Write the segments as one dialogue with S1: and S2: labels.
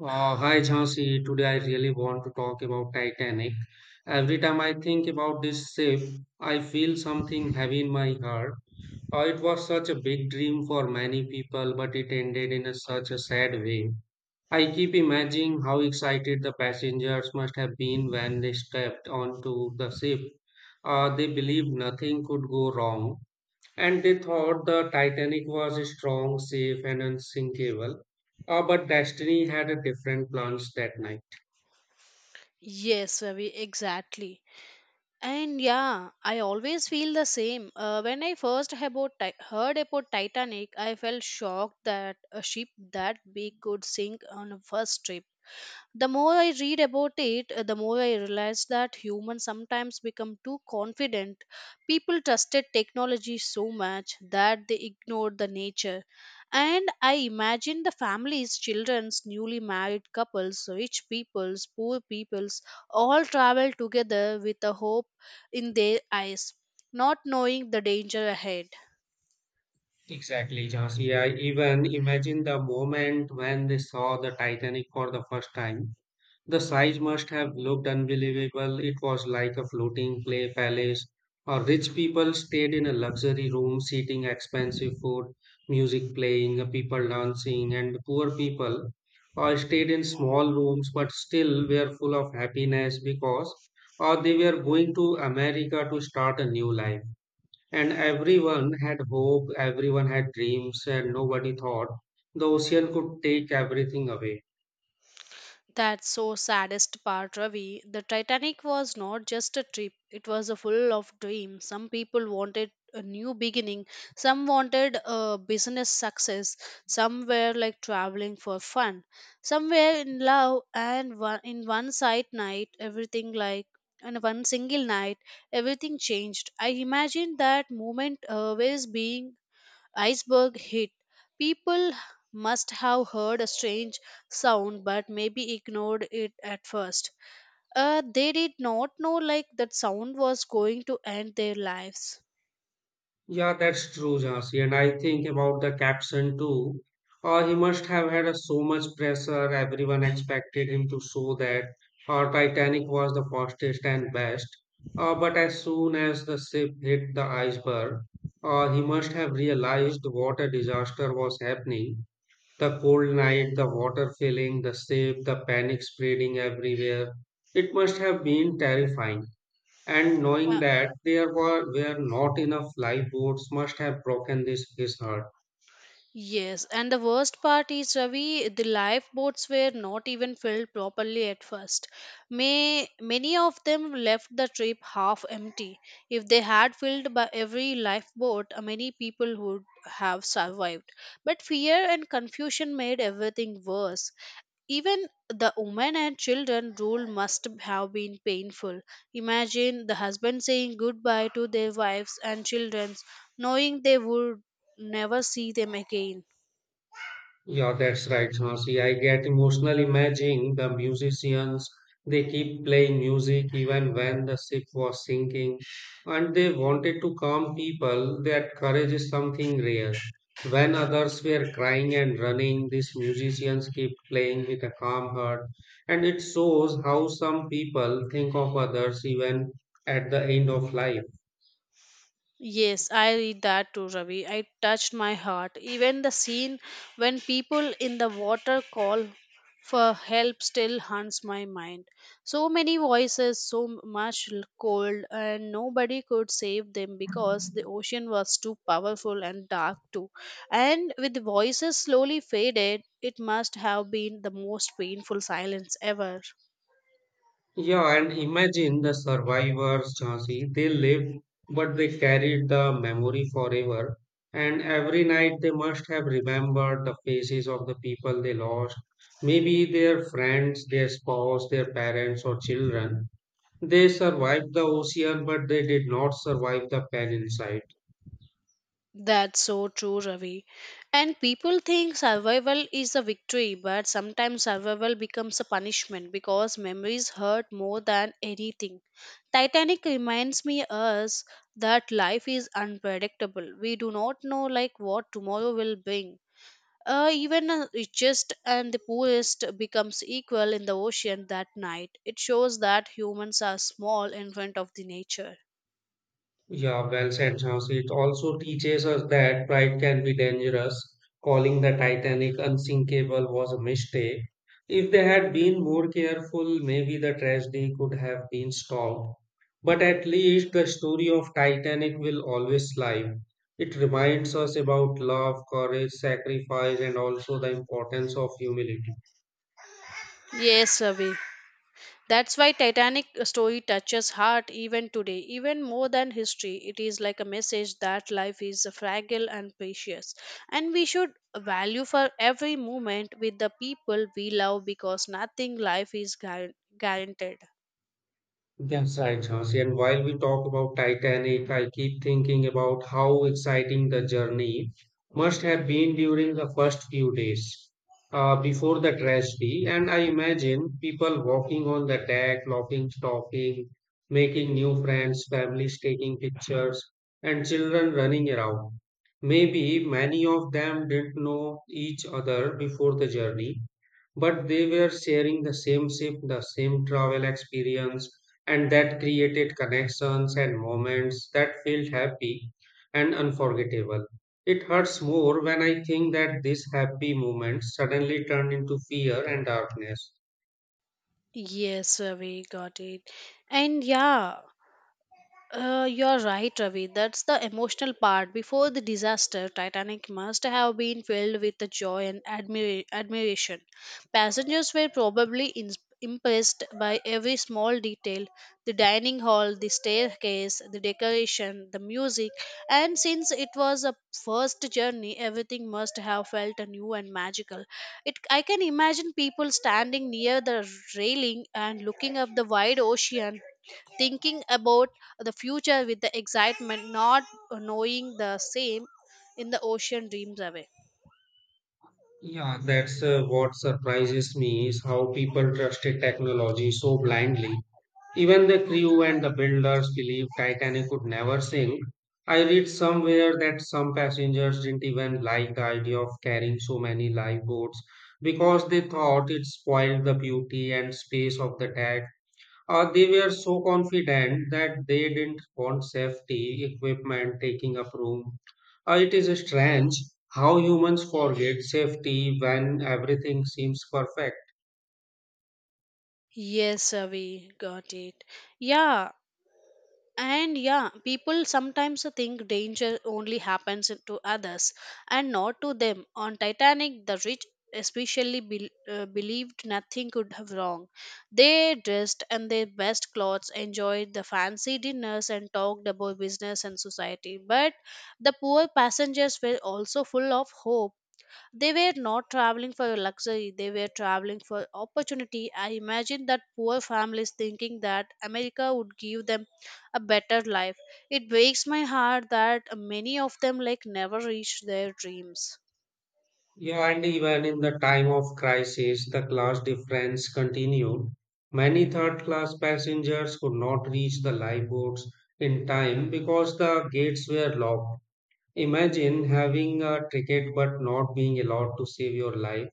S1: Hi Jhansi, today I really want to talk about Titanic. Every time I think about this ship, I feel something heavy in my heart. It was such a big dream for many people, but it ended in a, such a sad way. I keep imagining how excited the passengers must have been when they stepped onto the ship. They believed nothing could go wrong, and they thought the Titanic was strong, safe, and unsinkable. But Destiny had a different plans that night.
S2: Yes, Ravi, exactly. And yeah, I always feel the same. When I first heard about Titanic, I felt shocked that a ship that big could sink on a first trip. The more I read about it, the more I realize that humans sometimes become too confident. People trusted technology so much that they ignored the nature. And I imagine the families, children's, newly married couples, rich peoples, poor peoples, all travel together with a hope in their eyes, not knowing the danger ahead.
S1: Exactly, Jhansi. Yeah, even imagine the moment when they saw the Titanic for the first time. The size must have looked unbelievable. It was like a floating play palace, or rich people stayed in a luxury room, eating expensive food, music playing, people dancing, and poor people all stayed in small rooms but still were full of happiness because or they were going to America to start a new life. And everyone had hope, everyone had dreams, and nobody thought the ocean could take everything away.
S2: That's so saddest part, Ravi. The Titanic was not just a trip, it was a full of dreams. Some people wanted a new beginning, some wanted a business success, some were like traveling for fun, some were in love, and one, in one side night, everything like in one single night, everything changed. I imagine that moment always being iceberg hit, people must have heard a strange sound but maybe ignored it at first. They did not know like that sound was going to end their lives.
S1: Yeah, that's true, Jhansi. And I think about the caption too. He must have had so much pressure. Everyone expected him to show that Titanic was the fastest and best. But as soon as the ship hit the iceberg, he must have realized what a disaster was happening. The cold night, the water filling the ship, the panic spreading everywhere. It must have been terrifying and knowing that there were not enough lifeboats must have broken this his heart.
S2: Yes, and the worst part is, Ravi, the lifeboats were not even filled properly at first. May many of them left the trip half empty. If they had filled by every lifeboat, many people would have survived. But fear and confusion made everything worse. Even the women and children rule must have been painful. Imagine the husband saying goodbye to their wives and children, knowing they would never see them again.
S1: Yeah, that's right, Jhansi. I get emotional imagining the musicians. They keep playing music even when the ship was sinking, and they wanted to calm people. That courage is something rare. When others were crying and running, these musicians keep playing with a calm heart, and it shows how some people think of others even at the end of life.
S2: Yes, I read that too, Ravi. It touched my heart. Even the scene when people in the water call for help still haunts my mind. So many voices, so much cold, and nobody could save them because the ocean was too powerful and dark too. And with the voices slowly faded, it must have been the most painful silence ever.
S1: Yeah, and imagine the survivors, Jhansi. They lived, but they carried the memory forever. And every night they must have remembered the faces of the people they lost. Maybe their friends, their spouse, their parents, or children. They survived the ocean, but they did not survive the pain inside.
S2: That's so true, Ravi. And people think survival is a victory, but sometimes survival becomes a punishment because memories hurt more than anything. Titanic reminds me us that life is unpredictable. We do not know like what tomorrow will bring. Even the richest and the poorest becomes equal in the ocean that night. It shows that humans are small in front of the nature.
S1: Yeah, well said, Jhansi. It also teaches us that pride can be dangerous. Calling the Titanic unsinkable was a mistake. If they had been more careful, maybe the tragedy could have been stopped. But at least the story of Titanic will always live. It reminds us about love, courage, sacrifice, and also the importance of humility.
S2: Yes, Ravi. That's why Titanic story touches heart even today, even more than history. It is like a message that life is fragile and precious, and we should value for every moment with the people we love because nothing life is guaranteed.
S1: That's right, Jhansi. And while we talk about Titanic, I keep thinking about how exciting the journey must have been during the first few days before the tragedy. And I imagine people walking on the deck, laughing, talking, making new friends, families taking pictures, and children running around. Maybe many of them didn't know each other before the journey, but they were sharing the same ship, the same travel experience and that created connections and moments that felt happy and unforgettable. It hurts more when I think that these happy moments suddenly turned into fear and darkness.
S2: Yes, we got it. And yeah, you're right, Ravi. That's the emotional part. Before the disaster, Titanic must have been filled with the joy and admiration. Passengers were probably ins impressed by every small detail, the dining hall, the staircase, the decoration, the music. And since it was a first journey, everything must have felt new and magical. It, I can imagine people standing near the railing and looking up the wide ocean, thinking about the future with the excitement, not knowing the same in the ocean dreams away.
S1: Yeah, that's what surprises me is how people trusted technology so blindly. Even the crew and the builders believed Titanic could never sink. I read somewhere that some passengers didn't even like the idea of carrying so many lifeboats because they thought it spoiled the beauty and space of the deck. They were so confident that they didn't want safety equipment taking up room. It is strange how humans forget safety when everything seems perfect.
S2: Yes, we got it. Yeah, and yeah, people sometimes think danger only happens to others and not to them. On Titanic, the rich especially believed nothing could have wrong. They dressed in their best clothes, enjoyed the fancy dinners, and talked about business and society. But the poor passengers were also full of hope. They were not traveling for luxury, they were traveling for opportunity. I imagine that poor families thinking that America would give them a better life. It breaks my heart that many of them like never reach their dreams.
S1: Yeah, and even in the time of crisis, the class difference continued. Many third class passengers could not reach the lifeboats in time because the gates were locked. Imagine having a ticket but not being allowed to save your life.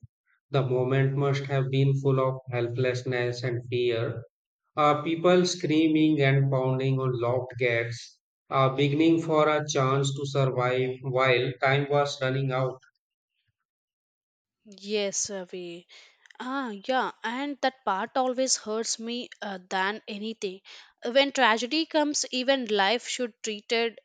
S1: The moment must have been full of helplessness and fear. People screaming and pounding on locked gates, beginning for a chance to survive while time was running out.
S2: Yes, Ravi. Ah, yeah, and that part always hurts me than anything. When tragedy comes, even life should treated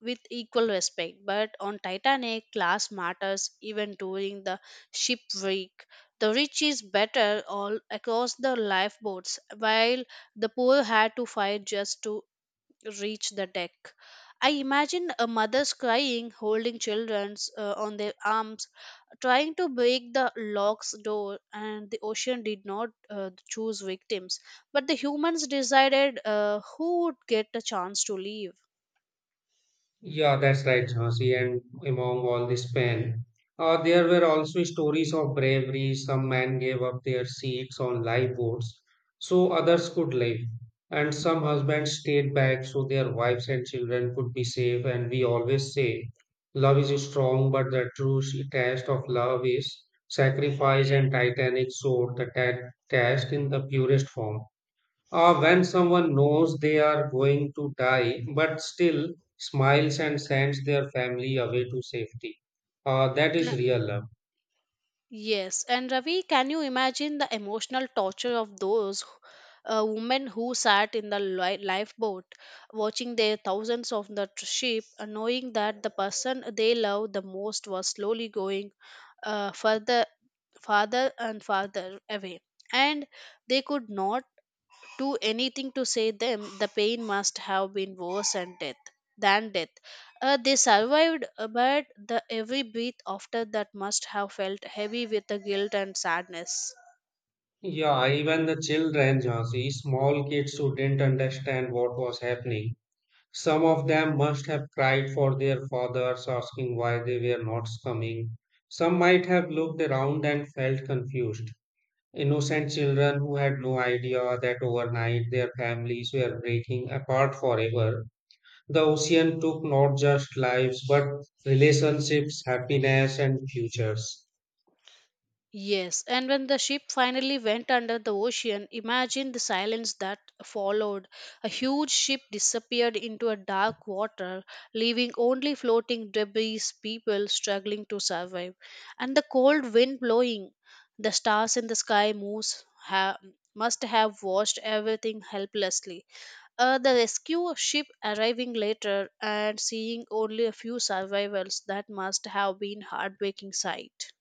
S2: with equal respect. But on Titanic, class matters even during the shipwreck. The rich is better all across the lifeboats, while the poor had to fight just to reach the deck. I imagine a mother's crying, holding childrens on their arms, trying to break the lock's door, and the ocean did not choose victims, but the humans decided who would get a chance to leave.
S1: Yeah, that's right, Jhansi. And among all this pain, there were also stories of bravery. Some men gave up their seats on lifeboats so others could live. And some husbands stayed back so their wives and children could be safe. And we always say, love is strong, but the true test of love is sacrifice. And Titanic showed the test in the purest form. When someone knows they are going to die but still smiles and sends their family away to safety. That is real love.
S2: Yes, and Ravi, can you imagine the emotional torture of those women who sat in the lifeboat, watching their thousands of the sheep, knowing that the person they love the most was slowly going further, farther and farther away, and they could not do anything to save them, the pain must have been worse than death. Than death. They survived, but the every breath after that must have felt heavy with the guilt and sadness.
S1: Yeah, even the children, Jhansi, small kids who didn't understand what was happening. Some of them must have cried for their fathers, asking why they were not coming. Some might have looked around and felt confused. Innocent children who had no idea that overnight their families were breaking apart forever. The ocean took not just lives, but relationships, happiness, and futures.
S2: Yes, and when the ship finally went under the ocean, imagine the silence that followed. A huge ship disappeared into a dark water, leaving only floating debris, people struggling to survive, and the cold wind blowing. The stars in the sky moves must have watched everything helplessly. The rescue ship arriving later and seeing only a few survivors, that must have been heartbreaking sight.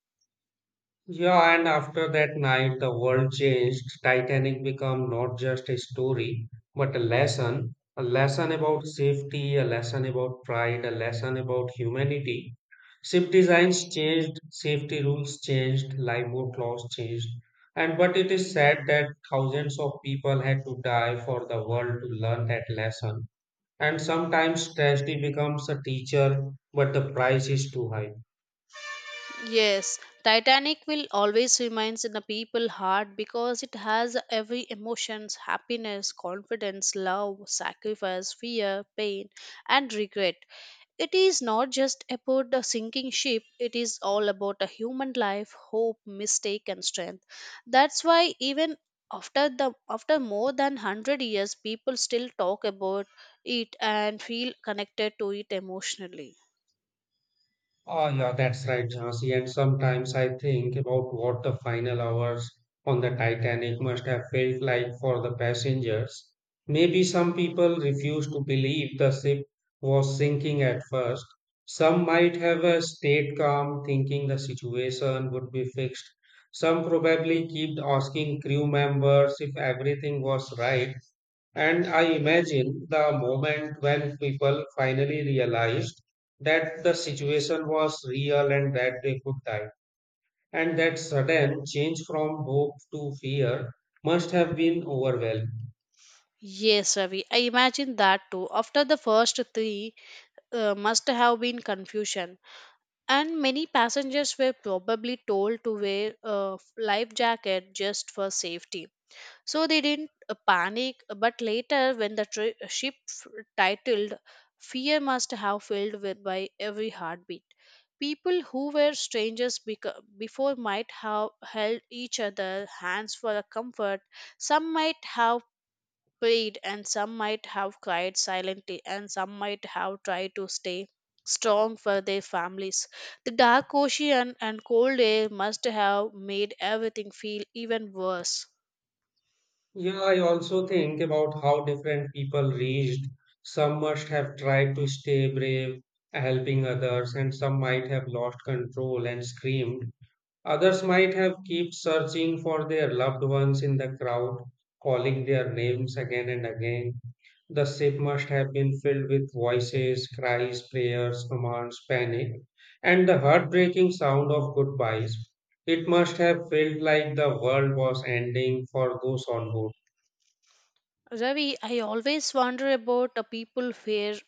S1: Yeah, and after that night, the world changed. Titanic became not just a story, but a lesson. A lesson about safety, a lesson about pride, a lesson about humanity. Ship designs changed, safety rules changed, lifeboat laws changed. And but it is sad that thousands of people had to die for the world to learn that lesson. And sometimes tragedy becomes a teacher, but the price is too high.
S2: Yes, Titanic will always remains in the people heart because it has every emotions, happiness, confidence, love, sacrifice, fear, pain and regret. It is not just about the sinking ship, it is all about a human life, hope, mistake and strength. That's why even after the after more than 100 years people still talk about it and feel connected to it emotionally.
S1: Oh, yeah, that's right, Jhansi. And sometimes I think about what the final hours on the Titanic must have felt like for the passengers. Maybe some people refused to believe the ship was sinking at first. Some might have stayed calm, thinking the situation would be fixed. Some probably kept asking crew members if everything was right. And I imagine the moment when people finally realized that the situation was real and that they could die. And that sudden change from hope to fear must have been overwhelming.
S2: Yes, Ravi, I imagine that too. After the first three, must have been confusion, and many passengers were probably told to wear a life jacket just for safety. So they didn't panic. But later, when the ship titled, fear must have filled with by every heartbeat. People who were strangers before might have held each other hands for a comfort, some might have prayed, and some might have cried silently, and some might have tried to stay strong for their families. The dark ocean and cold air must have made everything feel even worse.
S1: Yeah, I also think about how different people reached. Some must have tried to stay brave, helping others, and some might have lost control and screamed. Others might have kept searching for their loved ones in the crowd, calling their names again and again. The ship must have been filled with voices, cries, prayers, commands, panic, and the heartbreaking sound of goodbyes. It must have felt like the world was ending for those on board.
S2: Ravi, I always wonder about the people who were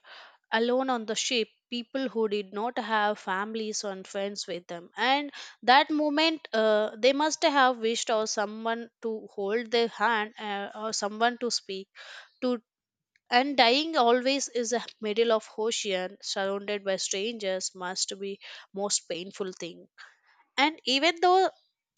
S2: alone on the ship, people who did not have families or friends with them. And that moment, they must have wished or someone to hold their hand or someone to speak, to, and dying always is a middle of ocean surrounded by strangers must be most painful thing, and even though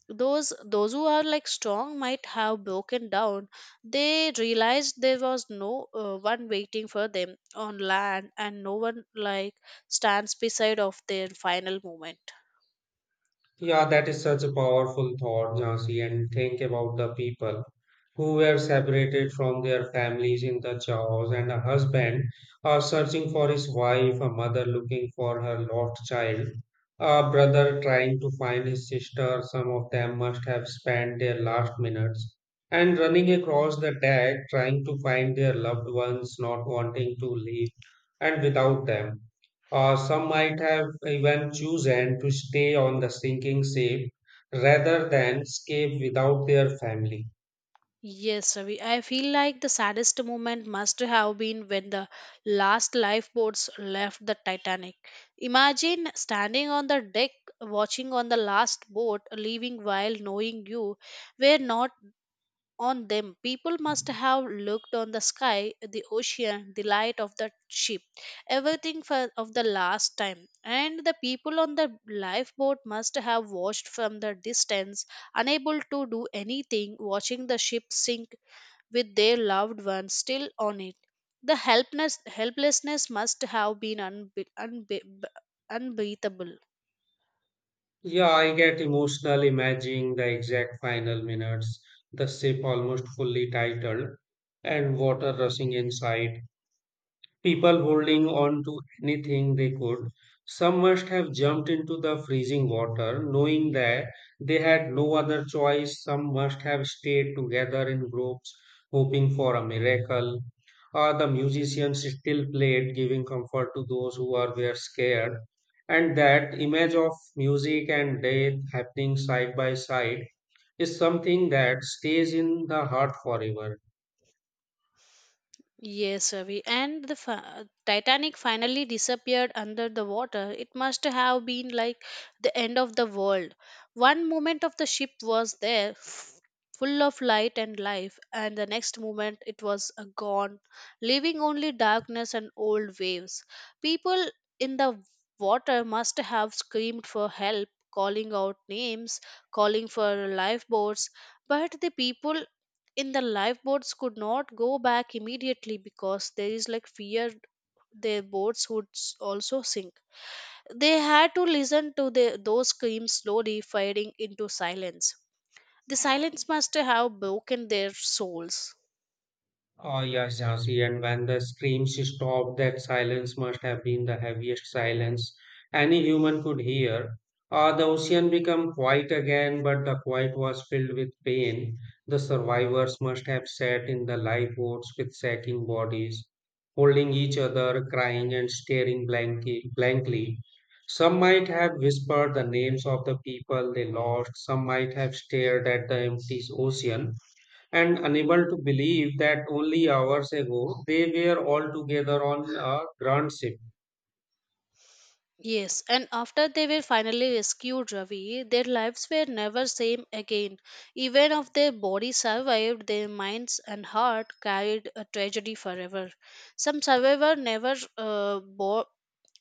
S2: those who are like strong might have broken down, they realized there was no one waiting for them on land and no one like stands beside of their final moment.
S1: Yeah, that is such a powerful thought, Jhansi. And think about the people who were separated from their families in the chaos, and a husband searching for his wife, a mother looking for her lost child, a brother trying to find his sister. Some of them must have spent their last minutes and running across the deck, trying to find their loved ones, not wanting to leave, and without them. Some might have even chosen to stay on the sinking ship rather than escape without their family.
S2: Yes, Ravi. I feel like the saddest moment must have been when the last lifeboats left the Titanic. Imagine standing on the deck, watching on the last boat leaving while knowing you were not on them. People must have looked on the sky, the ocean, the light of the ship, everything for of the last time. And the people on the lifeboat must have watched from the distance, unable to do anything, watching the ship sink with their loved ones still on it. The helpless, helplessness must have been unbeatable.
S1: Yeah, I get emotional imagining the exact final minutes, the ship almost fully titled and water rushing inside. People holding on to anything they could. Some must have jumped into the freezing water, knowing that they had no other choice. Some must have stayed together in groups, hoping for a miracle. Or the musicians still played, giving comfort to those who were scared. And that image of music and death happening side by side is something that stays in the heart forever.
S2: Yes, Ravi. And the Titanic finally disappeared under the water. It must have been like the end of the world. One moment of the ship was there, full of light and life, and the next moment it was gone, leaving only darkness and old waves. People in the water must have screamed for help, calling out names, calling for lifeboats, but the people in the lifeboats could not go back immediately because there is like fear their boats would also sink. They had to listen to the, those screams slowly fading into silence. The silence must have broken their souls.
S1: Oh, yes, Jhansi. And when the screams stopped, that silence must have been the heaviest silence any human could hear. The ocean became quiet again, but the quiet was filled with pain. The survivors must have sat in the lifeboats with sagging bodies, holding each other, crying and staring blankly. Some might have whispered the names of the people they lost, some might have stared at the empty ocean and unable to believe that only hours ago they were all together on a grand ship.
S2: Yes, and after they were finally rescued, Ravi, their lives were never same again. Even if their body survived, their minds and heart carried a tragedy forever. Some survivor never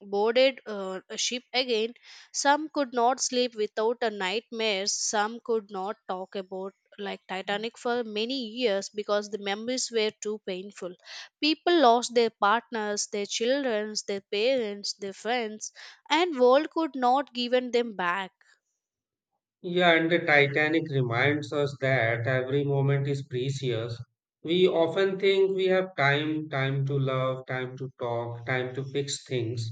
S2: boarded a ship again. Some could not sleep without a nightmare. Some could not talk about like Titanic for many years because the memories were too painful. People lost their partners, their children, their parents, their friends, and world could not given them back.
S1: Yeah, and the Titanic reminds us that every moment is precious. We often think we have time, time to love, time to talk, time to fix things,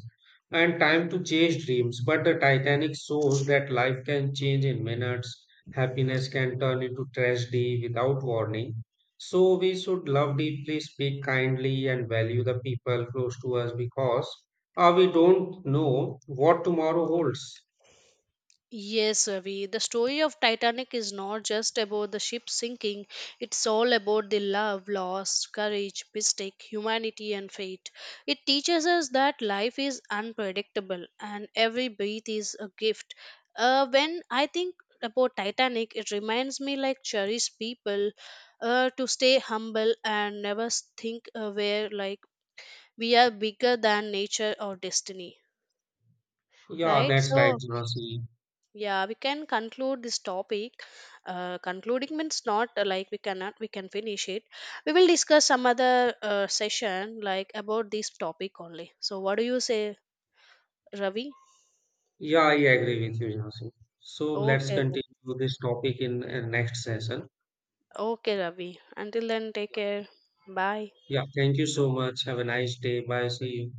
S1: and time to chase dreams. But the Titanic shows that life can change in minutes, happiness can turn into tragedy without warning. So we should love deeply, speak kindly, and value the people close to us because we don't know what tomorrow holds.
S2: Yes, Ravi, the story of Titanic is not just about the ship sinking. It's all about the love, loss, courage, mistake, humanity and fate. It teaches us that life is unpredictable and every breath is a gift. When I think about Titanic, it reminds me like cherish people to stay humble and never think we're like we are bigger than nature or destiny.
S1: Yeah,
S2: Right?
S1: that's right,
S2: So
S1: Jhansi.
S2: yeah, we can conclude this topic. Concluding means not like we cannot, we can finish it. We will discuss some other session like about this topic only. So what do you say, Ravi?
S1: Yeah, I agree with you, Jhansi. So let's
S2: Okay then.
S1: continue this topic in next session.
S2: Okay, Ravi, until then, take care. Bye.
S1: Yeah, thank you so much. Have a nice day. Bye. See you.